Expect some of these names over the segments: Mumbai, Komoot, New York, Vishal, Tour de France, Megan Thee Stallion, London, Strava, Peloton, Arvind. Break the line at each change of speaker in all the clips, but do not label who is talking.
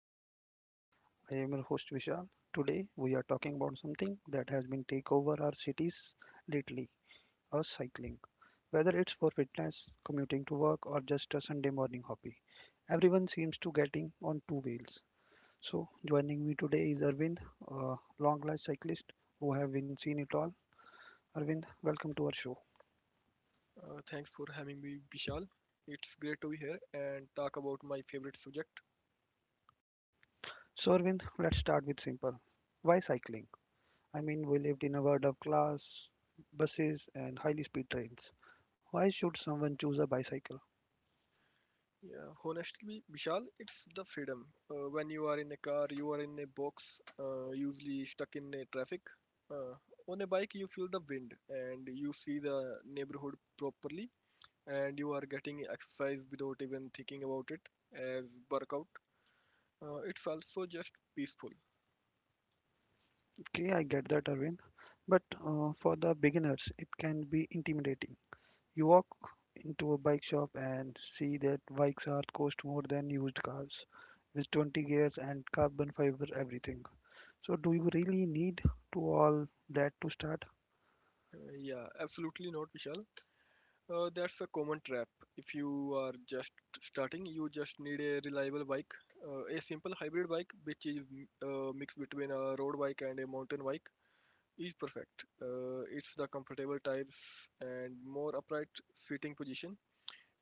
our podcast. I am your host Vishal. Today, we are talking about something that has been take over our cities lately or cycling. Whether it's for fitness, commuting to work, or just a Sunday morning hobby, everyone seems to getting on two wheels. So, joining me today is Arvind, a long life cyclist who have been seen it all. Arvind, welcome to our show.
Thanks for having me, Vishal. It's great to be here and talk about my favorite subject.
So, Arvind, let's start with simple. Why cycling? I mean, we lived in a world of glass, buses, and highly speed trains. Why should someone choose a bicycle?
Yeah, honestly, Vishal, it's the freedom. When you are in a car, you are in a box, usually stuck in a traffic. Uh, on a bike, you feel the wind and you see the neighborhood properly, and you are getting exercise without even thinking about it as workout. It's also just peaceful.
Okay, I get that, Arvind, but for the beginners, it can be intimidating. You walk into a bike shop and see that bikes are cost more than used cars with 20 gears and carbon fiber everything. So, do you really need to all that to start?
Yeah, absolutely not, Vishal. That's a common trap. If you are just starting, you just need a reliable bike, a simple hybrid bike, which is a mix between a road bike and a mountain bike, is perfect. It's the comfortable tires and more upright seating position.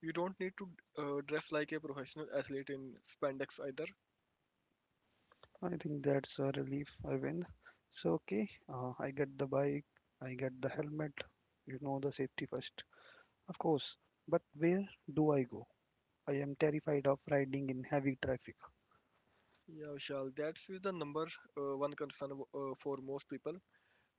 You don't need to dress like a professional athlete in spandex either.
I think that's a relief, Arvind. So, okay, I get the bike, I get the helmet, you know, the safety first. Of course, but where do I go? I am terrified of riding in heavy traffic.
Yeah, Vishal, that's the number one concern for most people.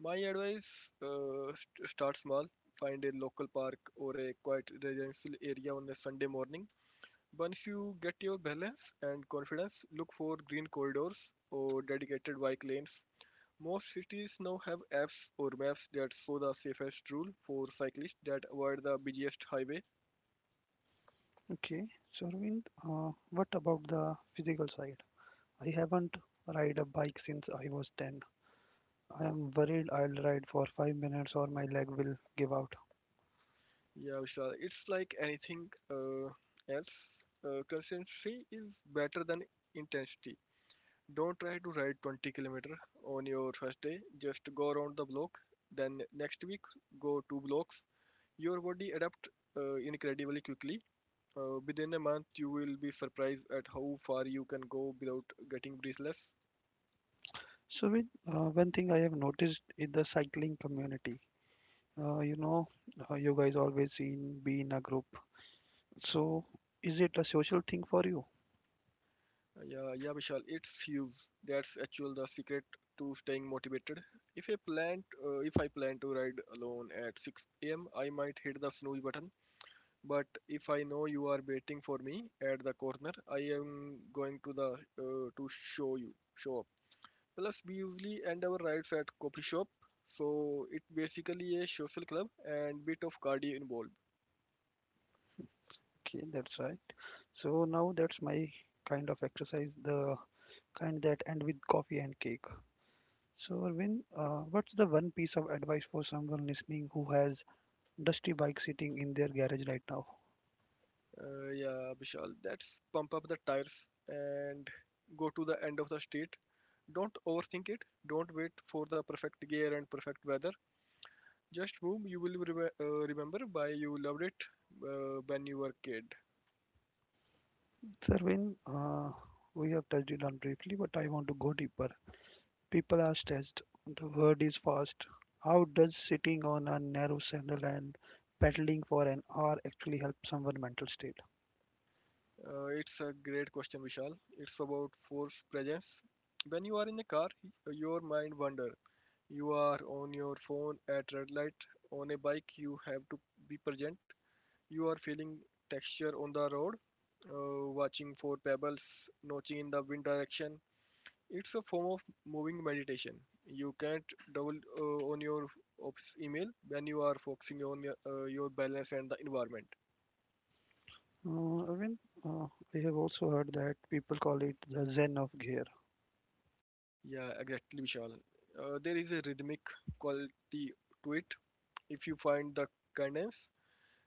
My advice, start small. Find a local park or a quiet residential area on a Sunday morning. Once you get your balance and confidence, look for green corridors or dedicated bike lanes. Most cities now have apps or maps that show the safest rule for cyclists that avoid the busiest highway.
Okay, so Arvind, what about the physical side? I haven't ride a bike since I was 10. I am worried I'll ride for 5 minutes or my leg will give out.
Yeah, Vishal, it's like anything, else. Consistency is better than intensity. Don't try to ride 20 kilometer on your first day. Just go around the block. Then next week, go two blocks. Your body adapt incredibly quickly. Within a month, you will be surprised at how far you can go without getting breathless.
So, with, one thing I have noticed in the cycling community. You know, you guys always seen be in a group. So, is it a social thing for you?
Yeah, yeah, Vishal, it's huge. That's actually the secret to staying motivated. If I plan to ride alone at 6 a.m., I might hit the snooze button. But if I know you are waiting for me at the corner, I am going to the, to show you show up. Plus, we usually end our rides at coffee shop, so it's basically a social club and bit of cardio involved.
Okay, that's right. So now that's my kind of exercise, the kind that end with coffee and cake. So, Arvind, what's the one piece of advice for someone listening who has dusty bike sitting in their garage right now?
Yeah, Vishal, that's pump up the tires and go to the end of the street. Don't overthink it. Don't wait for the perfect gear and perfect weather. Just move. You will remember why you loved it when you were kid.
So, Arvind, we have touched it on briefly, but I want to go deeper. People are stressed. The world is fast. How does sitting on a narrow sandal and pedaling for an hour actually help someone mental state?
It's a great question, Vishal. It's about force presence. When you are in a car, your mind wander. You are on your phone at red light. On a bike, you have to be present. You are feeling texture on the road, watching for pebbles, notching in the wind direction. It's a form of moving meditation. You can't double on your ops email when you are focusing on your balance and the environment.
I mean, uh, I have also heard that people call it the Zen of gear.
Yeah, exactly, Vishal. There is a rhythmic quality to it. If you find the cadence,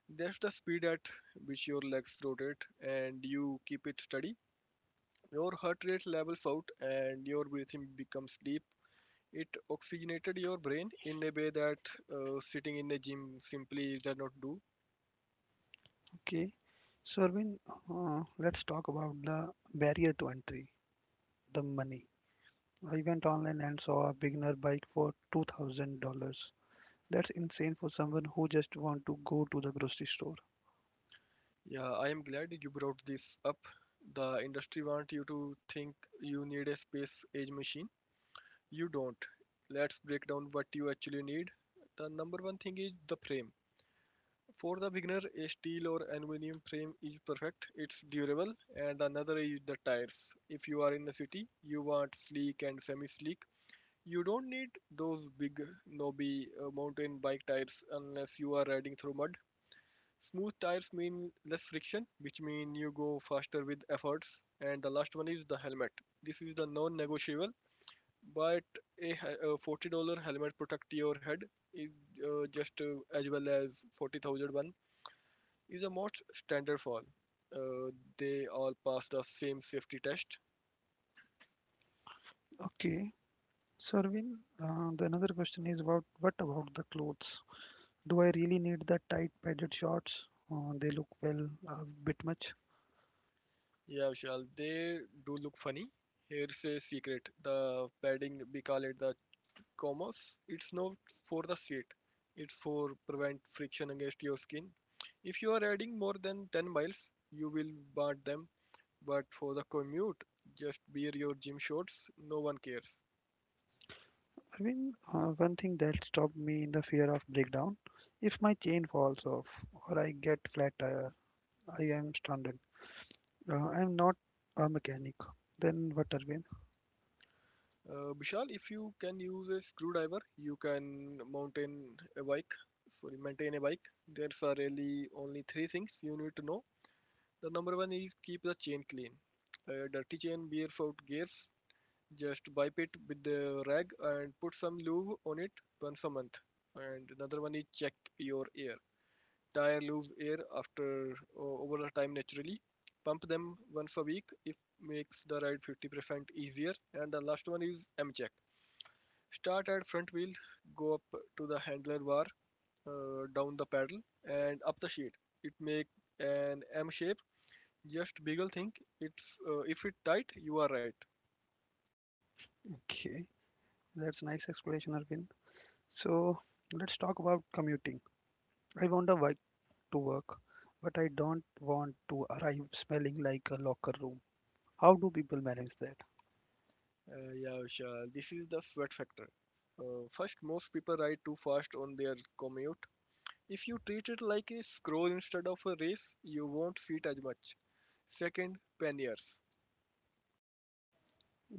that's the speed at which your legs rotate and you keep it steady. Your heart rate levels out and your breathing becomes deep. It oxygenated your brain in a way that sitting in a gym simply does not do.
Okay, so Arvind, let's talk about the barrier to entry, the money. I went online and saw a beginner bike for $2,000. That's insane for someone who just want to go to the grocery store.
Yeah, I am glad you brought this up. The industry want you to think you need a space age machine. You don't. Let's break down what you actually need. The number one thing is the frame. For the beginner, a steel or aluminum frame is perfect. It's durable. And another is the tires. If you are in the city, you want sleek and semi-sleek. You don't need those big knobby mountain bike tires unless you are riding through mud. Smooth tires mean less friction, which mean you go faster with efforts. And the last one is the helmet. This is the non-negotiable. But a $40 helmet protect your head is just as well as 40,000 one is a most standard fall. Uh, they all pass the same safety test.
Okay, so, Arvind, the another question is about what about the clothes? Do I really need the tight padded shorts? They look well a bit much.
Yeah, Vishal, they do look funny. Here's a secret: the padding we call it the comos. It's not for the seat. It's for prevent friction against your skin. If you are adding more than 10 miles, you will want them. But for the commute, just wear your gym shorts, no one cares.
Arvind, one thing that stopped me in the fear of breakdown. If my chain falls off or I get flat tire, I am stranded. I am not a mechanic. Then what, Arvind?
Vishal, if you can use a screwdriver, you can mountain a bike. Sorry, maintain a bike. There's are really only three things you need to know. The number one is keep the chain clean. A dirty chain wears out gears. Just wipe it with the rag and put some lube on it once a month. And another one is check your air. Tire lose air after over the time naturally. Pump them once a week. It makes the ride 50% easier. And the last one is M check. Start at front wheel, go up to the handler bar, down the pedal, and up the sheet. It make an M shape. Just beagle think it's, if it tight, you are right.
Okay, that's nice explanation, Arvind. So let's talk about commuting. I want a bike to work, but I don't want to arrive smelling like a locker room. How do people manage that?
Yeah, Vishal, this is the sweat factor. First, most people ride too fast on their commute. If you treat it like a scroll instead of a race, you won't see it as much. Second, panniers.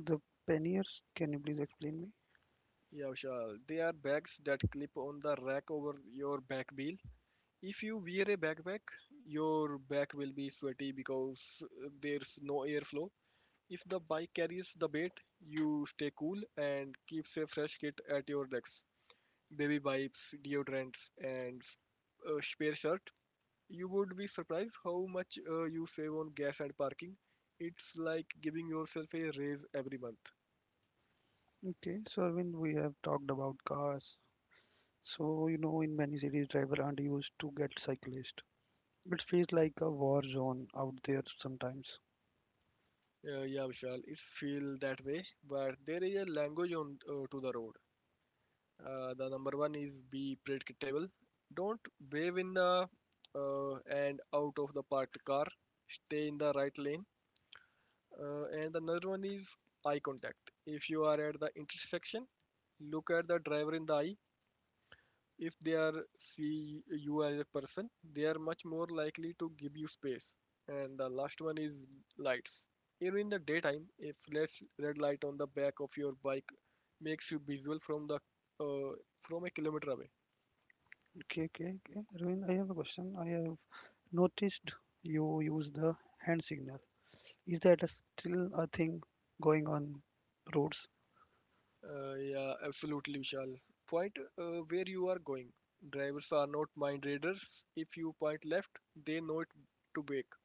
The panniers, can you please explain me?
Yeah, Vishal, they are bags that clip on the rack over your back bill. If you wear a backpack, your back will be sweaty because there's no airflow. If the bike carries the bait, you stay cool and keeps a fresh kit at your decks. Baby wipes, deodorants, and a spare shirt. You would be surprised how much you save on gas and parking. It's like giving yourself a raise every month.
Okay, so Arvind, we have talked about cars. So, you know, in many cities, drivers aren't used to get cyclists. It feels like a war zone out there sometimes.
Yeah, Vishal, it feels that way, but there is a language on to the road. The number one is be predictable. Don't wave in the and out of the parked car. Stay in the right lane. And another one is eye contact. If you are at the intersection, look at the driver in the eye if they are see you as a person, they are much more likely to give you space. And the last one is lights. Even in the daytime, a flash red light on the back of your bike makes you visual from the, uh, from a kilometer away.
Okay, okay, okay. Arvind, I have a question. I have noticed you use the hand signal. Is that a, still a thing going on roads?
Yeah, absolutely, Vishal. Point where you are going. Drivers are not mind readers. If you point left, they know it to bake.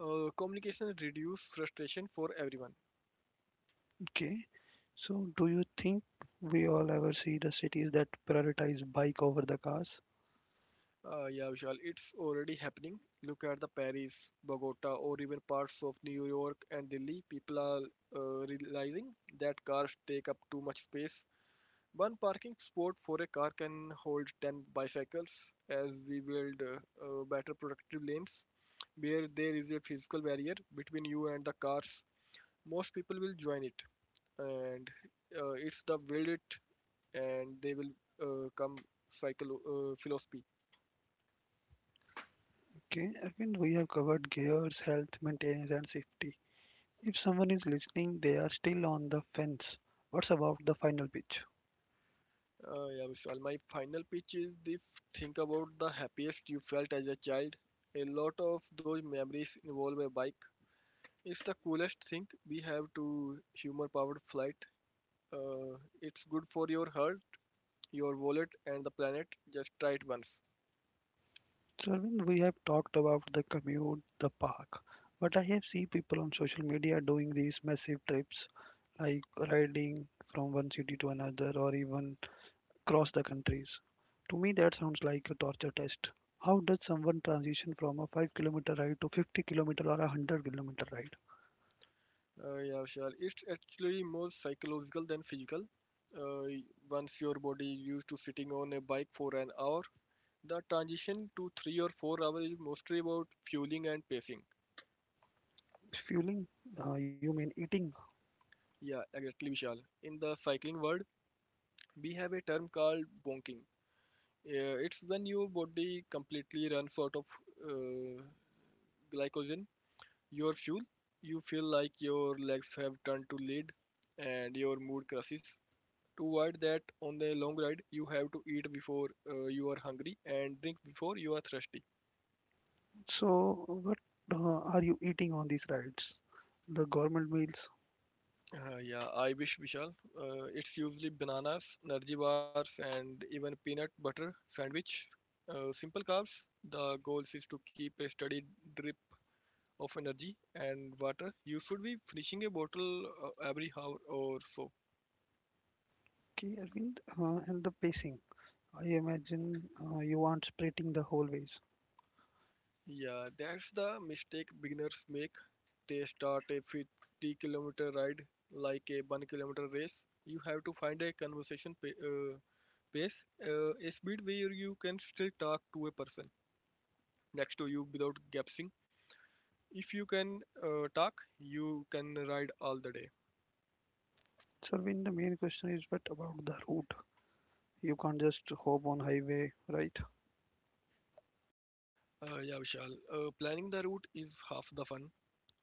Communication reduces frustration for everyone.
Okay. So, do you think we all ever see the cities that prioritize bike over the cars?
Yeah, Vishal, it's already happening. Look at the Paris, Bogota, or even parts of New York and Delhi. People are realizing that cars take up too much space. One parking spot for a car can hold 10 bicycles. As we build, better productive lanes where there is a physical barrier between you and the cars. Most people will join it, and it's the build it and they will come cycle philosophy.
Okay, Arvind, we have covered gears, health, maintenance, and safety. If someone is listening, they are still on the fence. What's about the final pitch?
Yeah, Vishal, my final pitch is the think about the happiest you felt as a child. A lot of those memories involve a bike. It's the coolest thing we have to humor powered flight. It's good for your heart, your wallet, and the planet. Just try it once.
So, Arvind, we have talked about the commute, the park, but I have seen people on social media doing these massive trips, like riding from one city to another or even across the countries. To me, that sounds like a torture test. How does someone transition from a 5-kilometer ride to 50 kilometer or a 100 kilometer ride?
Yeah, Vishal, it's actually more psychological than physical. Uh, y- Once your body is used to sitting on a bike for an hour, the transition to 3 or 4 hours is mostly about fueling and pacing.
Fueling? You mean eating?
Yeah, exactly, Vishal. In the cycling world, we have a term called bonking. It's when your body completely runs out of, uh, glycogen, your fuel. You feel like your legs have turned to lead and your mood crashes. To avoid that on a long ride, you have to eat before you are hungry and drink before you are thirsty.
So, what are you eating on these rides? The government meals,
Yeah, I wish, Vishal. It's usually bananas, energy bars, and even peanut butter sandwich. Simple carbs. The goal is to keep a steady drip of energy and water. You should be finishing a bottle every hour or so.
okay, Arvind, and the pacing. I imagine you aren't sprinting the whole ways.
Yeah, that's the mistake beginners make. They start a 50-kilometer ride like a 1 kilometer race. You have to find a pace, a speed where you can still talk to a person next to you without gapsing. If you can talk, you can ride all the day.
So, Arvind, the main question is what about the route? You can't just hop on highway, right?
Yeah, Vishal. Planning the route is half the fun.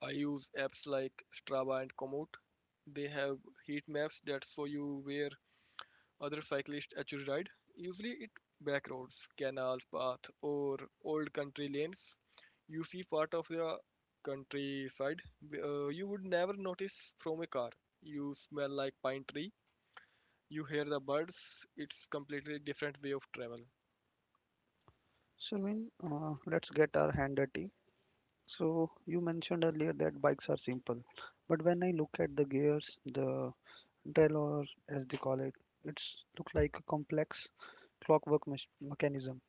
I use apps like Strava and Komoot. They have heat maps that show you where other cyclists actually ride. Usually, it back roads, canals, paths, or old country lanes. You see part of the countryside you would never notice from a car. You smell like pine tree. You hear the birds, it's completely different way of travel.
So, Arvind, let's get our hand dirty. So, you mentioned earlier that bikes are simple, but when I look at the gears, the drill or as they call it, it's look like a complex mechanism.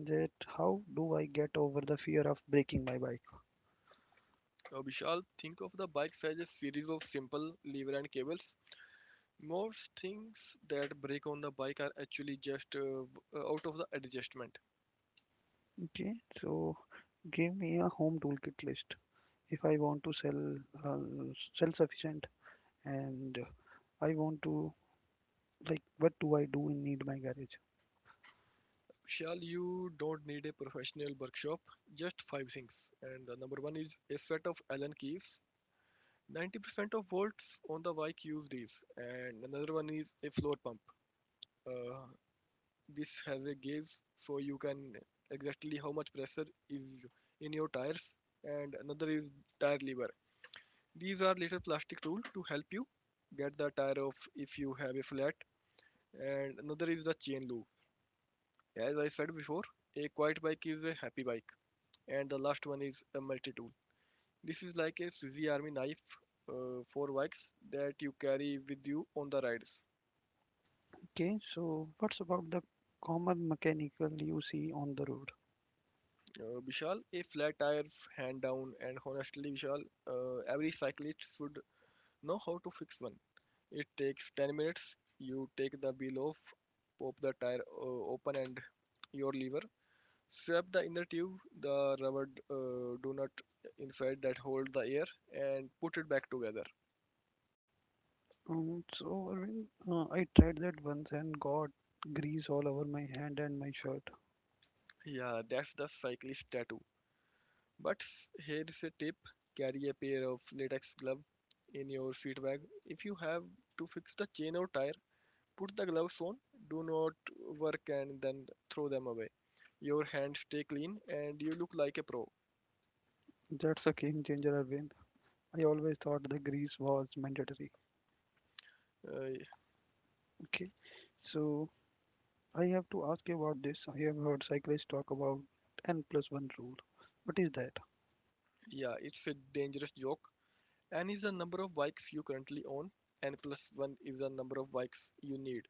That how do I get over the fear of breaking my bike?
So Vishal, think of the bikes as a series of simple lever and cables. Most things that break on the bike are actually just out of the adjustment.
Okay, so give me a home toolkit list. If I want to sell uh, self sufficient and I want to like what do I do in need my garage?
Vishal, you don't need a professional workshop, just five things. And the number one is a set of Allen keys. 90% of volts on the bike use these. And another one is a floor pump. Uh, this has a gauge so you can exactly how much pressure is in your tires, and another is tire lever. These are little plastic tool to help you get the tire off if you have a flat. And another is the chain loop. As I said before, a quiet bike is a happy bike. And the last one is a multi tool. This is like a Swiss army knife, for bikes that you carry with you on the rides.
Okay, so what's about the common mechanical you see on the road?
Vishal, a flat tire, hand down, and honestly, Vishal, every cyclist should know how to fix one. It takes 10 minutes. You take the wheel off, pop the tire open and your lever. Swap the inner tube, the rubber donut inside that hold the air, and put it back together.
So Arvind, I tried that once and got grease all over my hand and my shirt.
Yeah, that's the cyclist tattoo. But here is a tip. Carry a pair of latex glove in your seat bag. If you have to fix the chain or tire, put the gloves on, do not work, and then throw them away. Your hands stay clean and you look like a pro.
That's a game changer, Arvind. I always thought the grease was mandatory.
Uh,
Okay, so I have to ask you about this. I have heard cyclists talk about N plus one rule. What is that?
yeah, it's a dangerous joke. N is the number of bikes you currently own, and plus 1 is the number of bikes you need.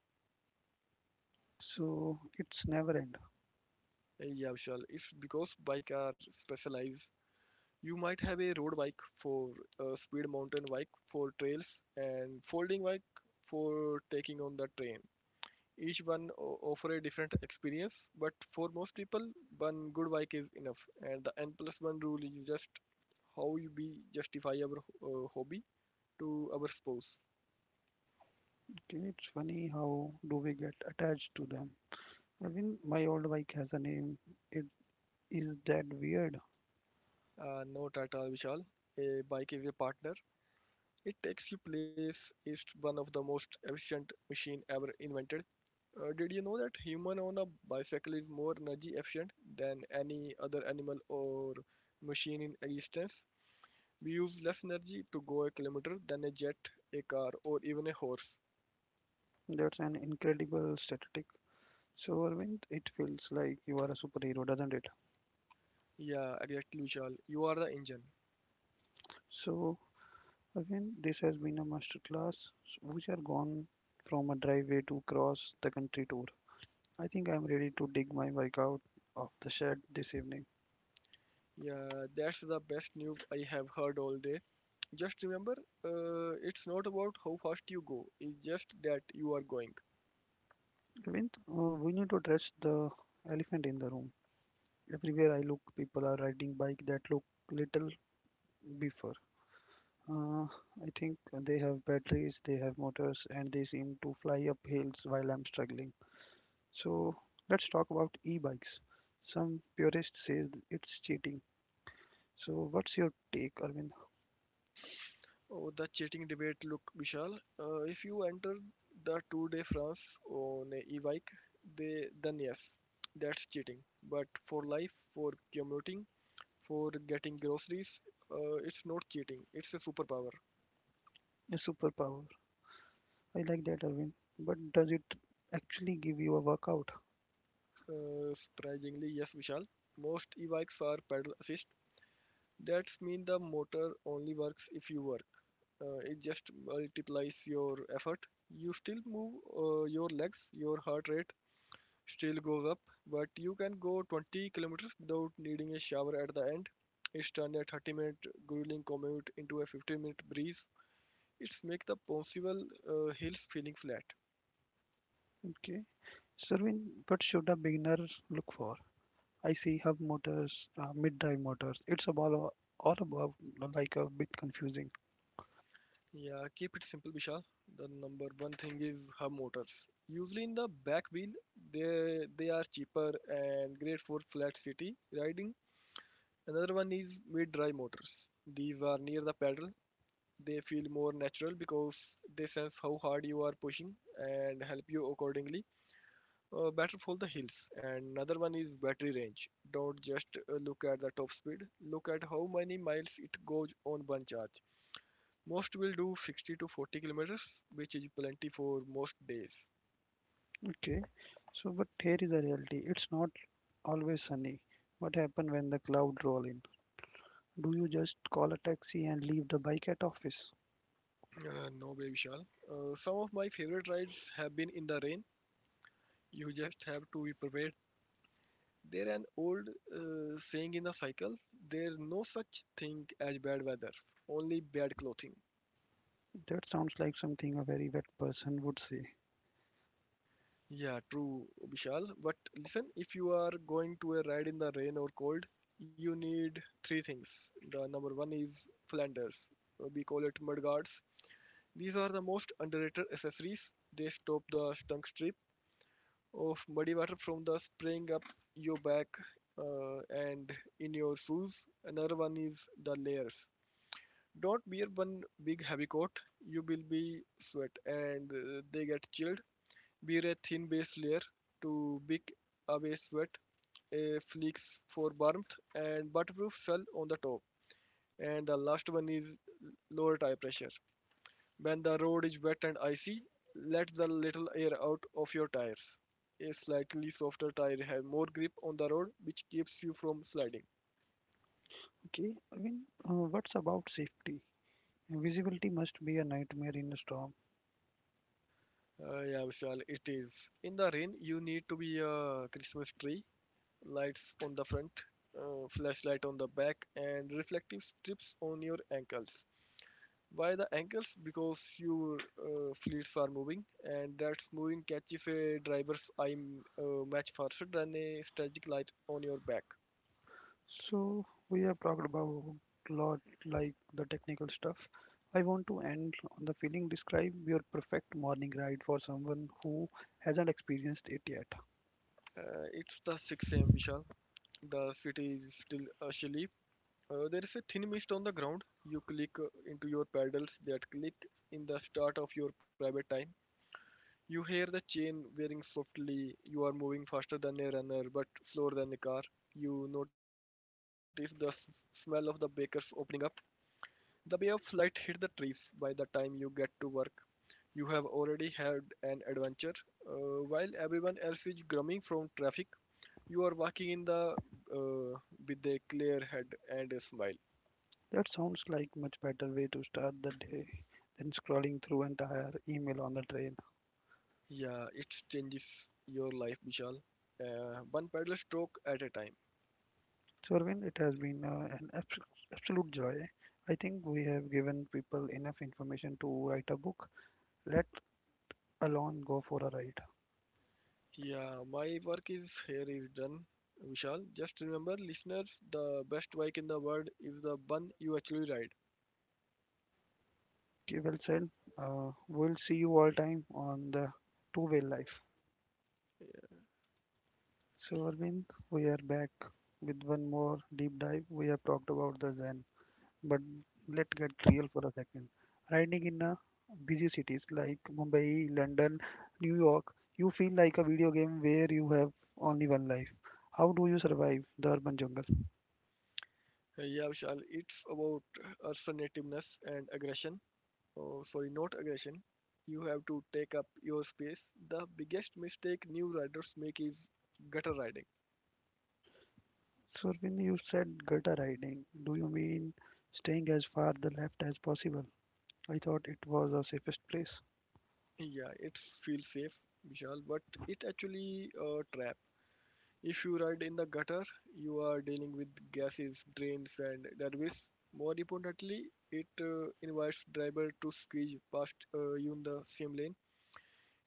So it's never end.
Yeah, Vishal, it's because bikes are specialized. You might have a road bike for speed, mountain bike for trails, and folding bike for taking on the train. Each one offer a different experience, but for most people one good bike is enough, and the n plus 1 rule is just how you we justify our hobby to our spouse.
Okay, it's funny how do we get attached to them? I mean, my old bike has a name. It is that weird.
No, tata Vishal, a bike is a partner. It takes you place. It's one of the most efficient machine ever invented. Did you know that human on a bicycle is more energy efficient than any other animal or machine in existence? We use less energy to go a kilometer than a jet, a car, or even a horse.
That's an incredible statistic. So Arvind, it feels like you are a superhero, doesn't it?
Yeah, exactly, Vishal. You are the engine.
So Arvind, this has been a masterclass. We are gone from a driveway to cross the country tour. I think I'm ready to dig my bike out of the shed this evening.
Yeah, that's the best news I have heard all day. Just remember, it's not about how fast you go, it's just that you are going.
Clint, we need to address the elephant in the room. Everywhere I look, people are riding bikes that look little beefer. Uh, I think they have batteries, they have motors, and they seem to fly up hills while I'm struggling. So let's talk about e-bikes. Some purist says it's cheating. So what's your take, Arvind?
Oh, the cheating debate. Look, Vishal, if you enter the Tour de France on a e-bike, they, then yes, that's cheating. But for life, for commuting, for getting groceries, it's not cheating. It's a superpower.
A superpower. I like that, Arvind. But does it actually give you a workout?
Surprisingly, yes, Vishal. Most e-bikes are pedal assist. That means the motor only works if you work. It just multiplies your effort. You still move your legs, your heart rate still goes up, but you can go 20 kilometers without needing a shower at the end. It's turned a 30-minute grueling commute into a 15-minute breeze. It's make the possible hills feeling flat.
Okay. So, Arvind, what should a beginner look for? I see hub motors, mid-drive motors. It's about all above, like a bit confusing.
Yeah, keep it simple, Vishal. The number one thing is hub motors. Usually in the back wheel, they are cheaper and great for flat city riding. Another one is mid-drive motors. These are near the pedal. They feel more natural because they sense how hard you are pushing and help you accordingly. Better for the hills. And another one is battery range. Don't just look at the top speed. Look at how many miles it goes on one charge. Most will do 60 to 40 kilometers, which is plenty for most days.
Okay, so but here is the reality. It's not always sunny. What happens when the cloud roll in? Do you just call a taxi and leave the bike at office?
No, way, Vishal. Some of my favorite rides have been in the rain. You just have to be prepared. There an old saying in the cycle: there no such thing as bad weather, only bad clothing.
That sounds like something a very wet person would say.
Yeah, true, Vishal. But listen, if you are going to a ride in the rain or cold, you need three things. The number one is Flanders. We call it mud guards. These are the most underrated accessories. They stop the stunk strip of muddy water from the spraying up your back and in your shoes. Another one is the layers. Don't wear one big heavy coat. You will be sweat and they get chilled. Wear a thin base layer to big away sweat, a fleece for warmth, and waterproof shell on the top. And the last one is lower tire pressure. When the road is wet and icy, let the little air out of your tires. A slightly softer tire has more grip on the road, which keeps you from sliding.
Okay, I mean, what's about safety? Visibility must be a nightmare in a storm.
Yeah, Vishal, it is. In the rain, you need to be a Christmas tree, lights on the front, flashlight on the back, and reflective strips on your ankles. Why the ankles? Because your fleets are moving, and that's moving catches a driver's eye much faster than a static light on your back.
So we have talked about lot like the technical stuff. I want to end on the feeling. Describe your perfect morning ride for someone who hasn't experienced it yet.
It's the 6 a.m. Vishal. The city is still chilly. There is a thin mist on the ground. You click into your pedals that click in the start of your private time. You hear the chain wearing softly. You are moving faster than a runner but slower than a car. You notice the smell of the bakers opening up. The bay of light hit the trees. By the time you get to work, you have already had an adventure. While everyone else is grumbling from traffic, you are walking in the uh, with a clear head and a smile.
That sounds like much better way to start the day than scrolling through entire email on the train.
Yeah, it changes your life, Vishal. One paddle stroke at a time.
So Arvind, it has been an absolute joy. I think we have given people enough information to write a book, let alone go for a ride.
Yeah, my work is here is done, Vishal. Just remember, listeners, the best bike in the world is the one you actually ride.
Okay, well said. We'll see you all time on the two-way life. So, Arvind, we are back with one more deep dive. We have talked about the Zen, but let's get real for a second. Riding in a busy cities like Mumbai, London, New York, you feel like a video game where you have only one life. How do you survive the urban jungle?
Yeah, Vishal, it's about assertiveness and aggression. Oh, sorry, not aggression. You have to take up your space. The biggest mistake new riders make is gutter riding.
So, Arvind, you said gutter riding. Do you mean staying as far the left as possible? I thought it was the safest place.
Yeah, it feels safe, Vishal, but it actually a trap. If you ride in the gutter, you are dealing with gases, drains, and debris. More importantly, it invites driver to squeeze past you in the same lane.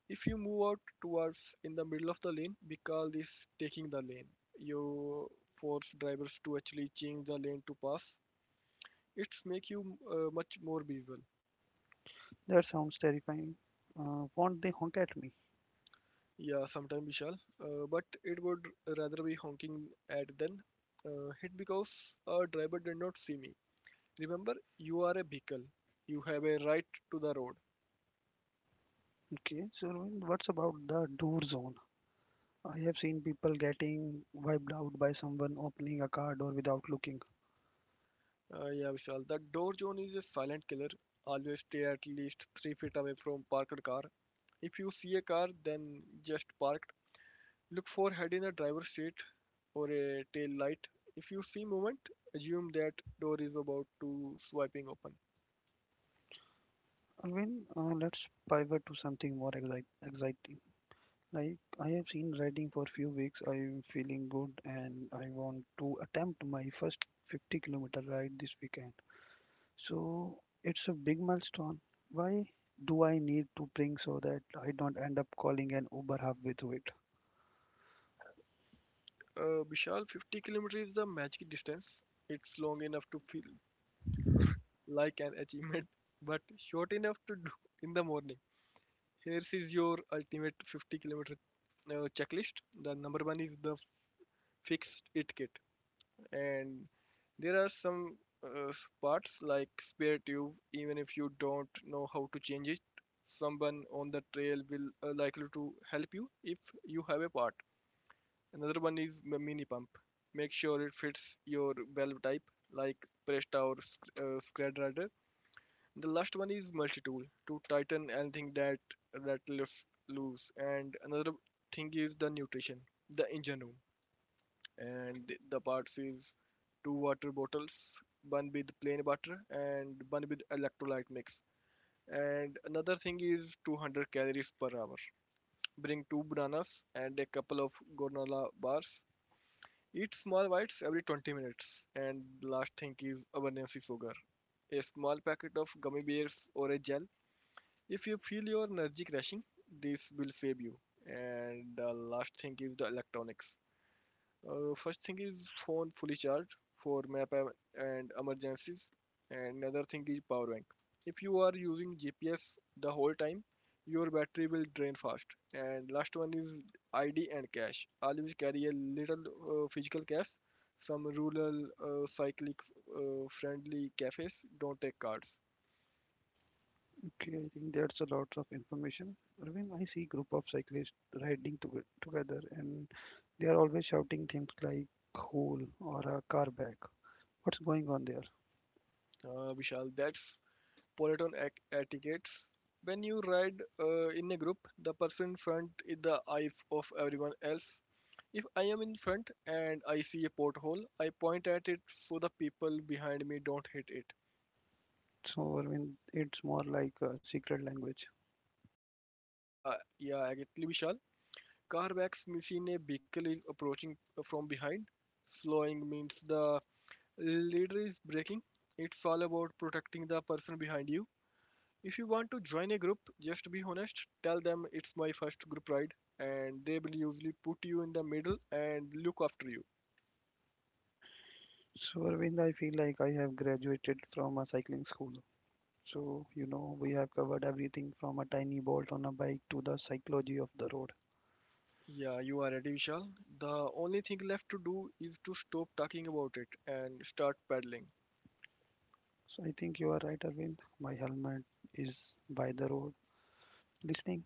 If you move out towards in the middle of the lane, we call this taking the lane. You force drivers to actually change the lane to pass. It's make you much more visual.
That sounds terrifying. Won't they honk at me?
Yeah, sometime Vishal, but it would rather be honking at than hit because a driver did not see me. Remember, you are a vehicle. You have a right to the road.
Okay, so Arvind, what's about the door zone? I have seen people getting wiped out by someone opening a car door without looking.
Yeah, Vishal, the door zone is a silent killer. Always stay at least 3 feet away from parked car. If you see a car, then just parked. Look for head in a driver's seat or a tail light. If you see movement, assume that door is about to swiping open.
Arvind, let's pivot to something more exciting. Like, I have seen riding for few weeks. I'm feeling good and I want to attempt my first 50-kilometer ride this weekend. So, it's a big milestone. Why do I need to bring so that I don't end up calling an Uber halfway through it?
Vishal, 50 kilometers is the magic distance. It's long enough to feel like an achievement, but short enough to do in the morning. Here is your ultimate 50 kilometer checklist. The number one is the fixed it kit, and there are some uh, parts like spare tube. Even if you don't know how to change it, someone on the trail will likely to help you if you have a part. Another one is mini pump. Make sure it fits your valve type, like Presta or Scred. The last one is multi tool to tighten anything that rattles loose. And another thing is the nutrition, the engine room, and the parts is two water bottles, one with plain water and one with electrolyte mix. And another thing is 200 calories per hour. Bring two bananas and a couple of granola bars. Eat small bites every 20 minutes. And the last thing is abundance of sugar. A small packet of gummy bears or a gel. If you feel your energy crashing, this will save you. And the last thing is the electronics. First thing is phone fully charged for map and emergencies. And another thing is power bank. If you are using GPS the whole time, your battery will drain fast. And last one is ID and cash. Always carry a little physical cash. Some rural cyclic friendly cafes don't take cards.
Okay, I think that's a lot of information. Arvind, I see group of cyclists riding to together and they are always shouting things like "hole" or a car back. What's going on there?
Vishal, that's Peloton etiquettes. When you ride in a group, the person in front is the eye of everyone else. If I am in front and I see a pothole, I point at it so the people behind me don't hit it.
So, Arvind, it's more like a secret language.
Yeah, exactly, Vishal. Car backs me seen a vehicle is approaching from behind. Slowing means the leader is braking. It's all about protecting the person behind you. If you want to join a group, just be honest. Tell them it's my first group ride, and they will usually put you in the middle and look after you.
So, Arvind, I feel like I have graduated from a cycling school. So, you know, we have covered everything from a tiny bolt on a bike to the psychology of the road.
Yeah, you are ready, Vishal. The only thing left to do is to stop talking about it and start paddling.
So, I think you are right, Arvind. My helmet is by the road. Listening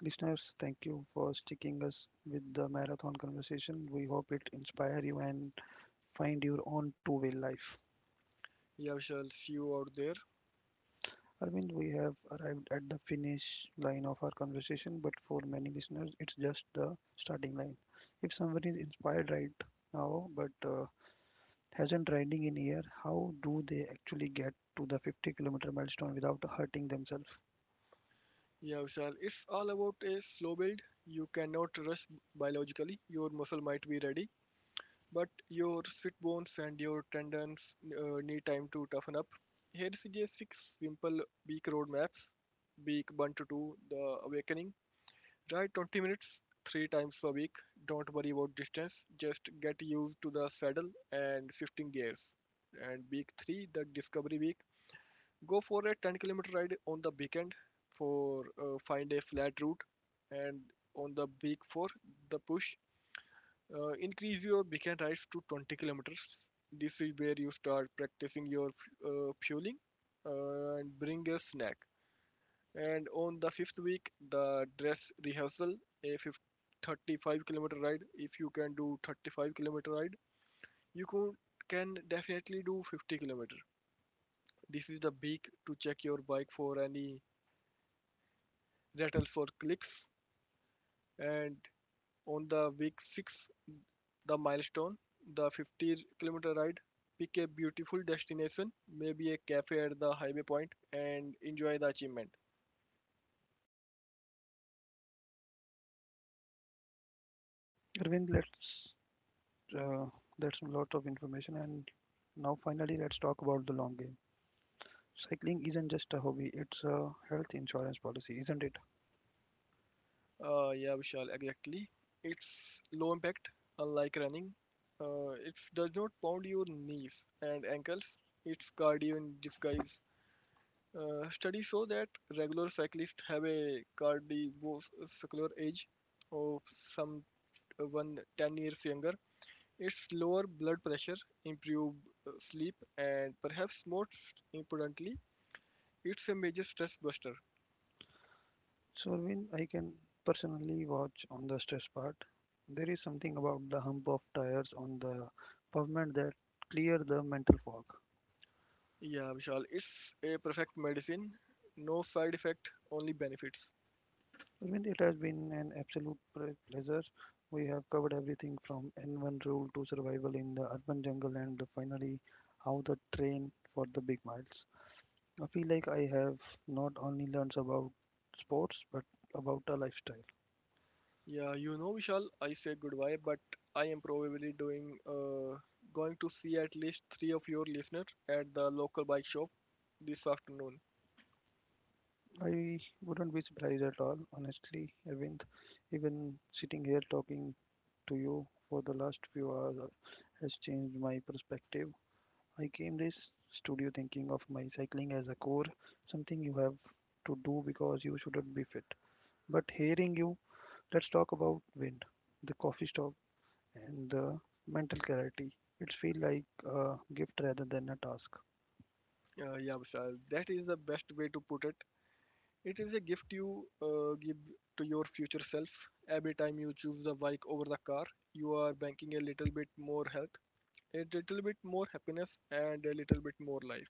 Listeners, thank you for sticking us with the marathon conversation. We hope it inspire you and find your own two-way life.
Yeah, Vishal, see you out there.
Arvind, we have arrived at the finish line of our conversation, but for many listeners, it's just the starting line. If someone is inspired right now but hasn't riding in a year, how do they actually get to the 50-kilometer milestone without hurting themselves?
Yeah, Vishal, it's all about a slow build. You cannot rush biologically. Your muscle might be ready, but your sit bones and your tendons need time to toughen up. Here is a six simple week road maps. Week 1 to 2, the awakening. Ride 20 minutes, 3 times a week. Don't worry about distance, just get used to the saddle and shifting gears. And week 3, the discovery week. Go for a 10-kilometer ride on the weekend for find a flat route. And on the week 4, the push, increase your weekend rides to 20 kilometers. This is where you start practicing your fueling, and bring a snack. And on the fifth week, the dress rehearsal, a 35-kilometer ride. If you can do 35-kilometer ride, you can definitely do 50 kilometer. This is the week to check your bike for any rattles or clicks. And on the week six, the milestone, the 50-kilometer ride, pick a beautiful destination, maybe a cafe at the highway point, and enjoy the achievement.
Arvind, let's uh, that's a lot of information, and now finally let's talk about the long game. Cycling isn't just a hobby, it's a health insurance policy, isn't it?
Yeah, Vishal, exactly. It's low impact, unlike running. It does not pound your knees and ankles. It's cardio in disguise. Studies show that regular cyclists have a cardiovascular age of some 110 years younger. It's lower blood pressure, improved sleep, and perhaps most importantly, it's a major stress buster.
So, when I can personally watch on the stress part, there is something about the hump of tires on the pavement that clear the mental fog.
Yeah, Vishal, it's a perfect medicine. No side effect, only benefits.
Arvind, it has been an absolute pre- pleasure. We have covered everything from N1 rule to survival in the urban jungle and the finally how the train for the big miles. I feel like I have not only learned about sports but about a lifestyle.
Yeah, you know, Vishal, I say goodbye, but I am probably doing going to see at least three of your listeners at the local bike shop this afternoon.
I wouldn't be surprised at all, honestly, Arvind. Even sitting here talking to you for the last few hours has changed my perspective. I came this studio thinking of my cycling as a core, something you have to do because you shouldn't be fit. But hearing you, let's talk about wind, the coffee stop, and the mental clarity. It feels like a gift rather than a task.
Yeah, Vishal, that is the best way to put it. It is a gift you give to your future self. Every time you choose the bike over the car, you are banking a little bit more health, a little bit more happiness, and a little bit more life.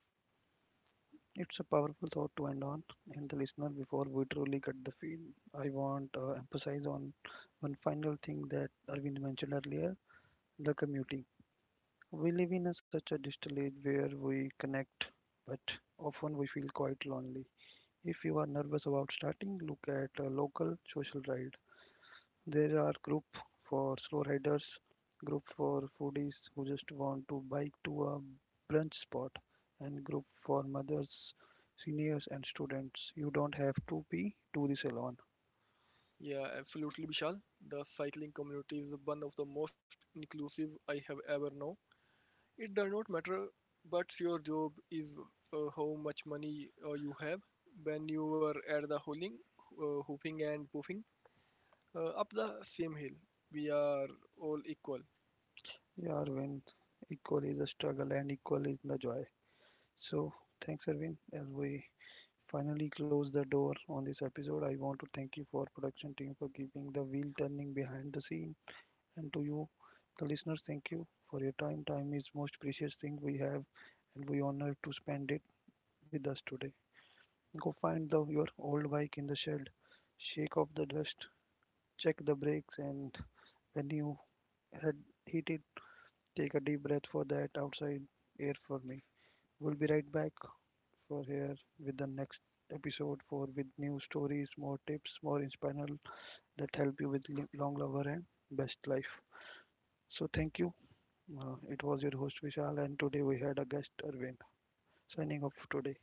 It's a powerful thought to end on, and the listener, before we truly get the feel, I want emphasize on one final thing that Arvind mentioned earlier: the commuting. We live in a, such a digital age where we connect, but often we feel quite lonely. If you are nervous about starting, look at a local social ride there are group for slow riders, group for foodies who just want to bike to a brunch spot, and group for mothers, seniors, and students. You don't have to be do this alone.
Yeah, absolutely, Vishal. The cycling community is one of the most inclusive I have ever known. It does not matter, but your job is how much money you have. When you were at the hauling, hooping and poofing up the same hill, we are all equal.
Yeah, Arvind, equal is a struggle and equal is the joy. So thanks, Arvind. As we finally close the door on this episode, I want to thank you for production team for keeping the wheel turning behind the scene. And to you, the listeners, thank you for your time. Time is most precious thing we have, and we honor to spend it with us today. Go find the, your old bike in the shed, shake off the dust, check the brakes, and when you had hit it, take a deep breath for that outside air for me. We'll be right back for here with the next episode for with new stories, more tips, more inspirational that help you with long lover and best life. So thank you. It was your host Vishal, and today we had a guest, Arvind, signing off today.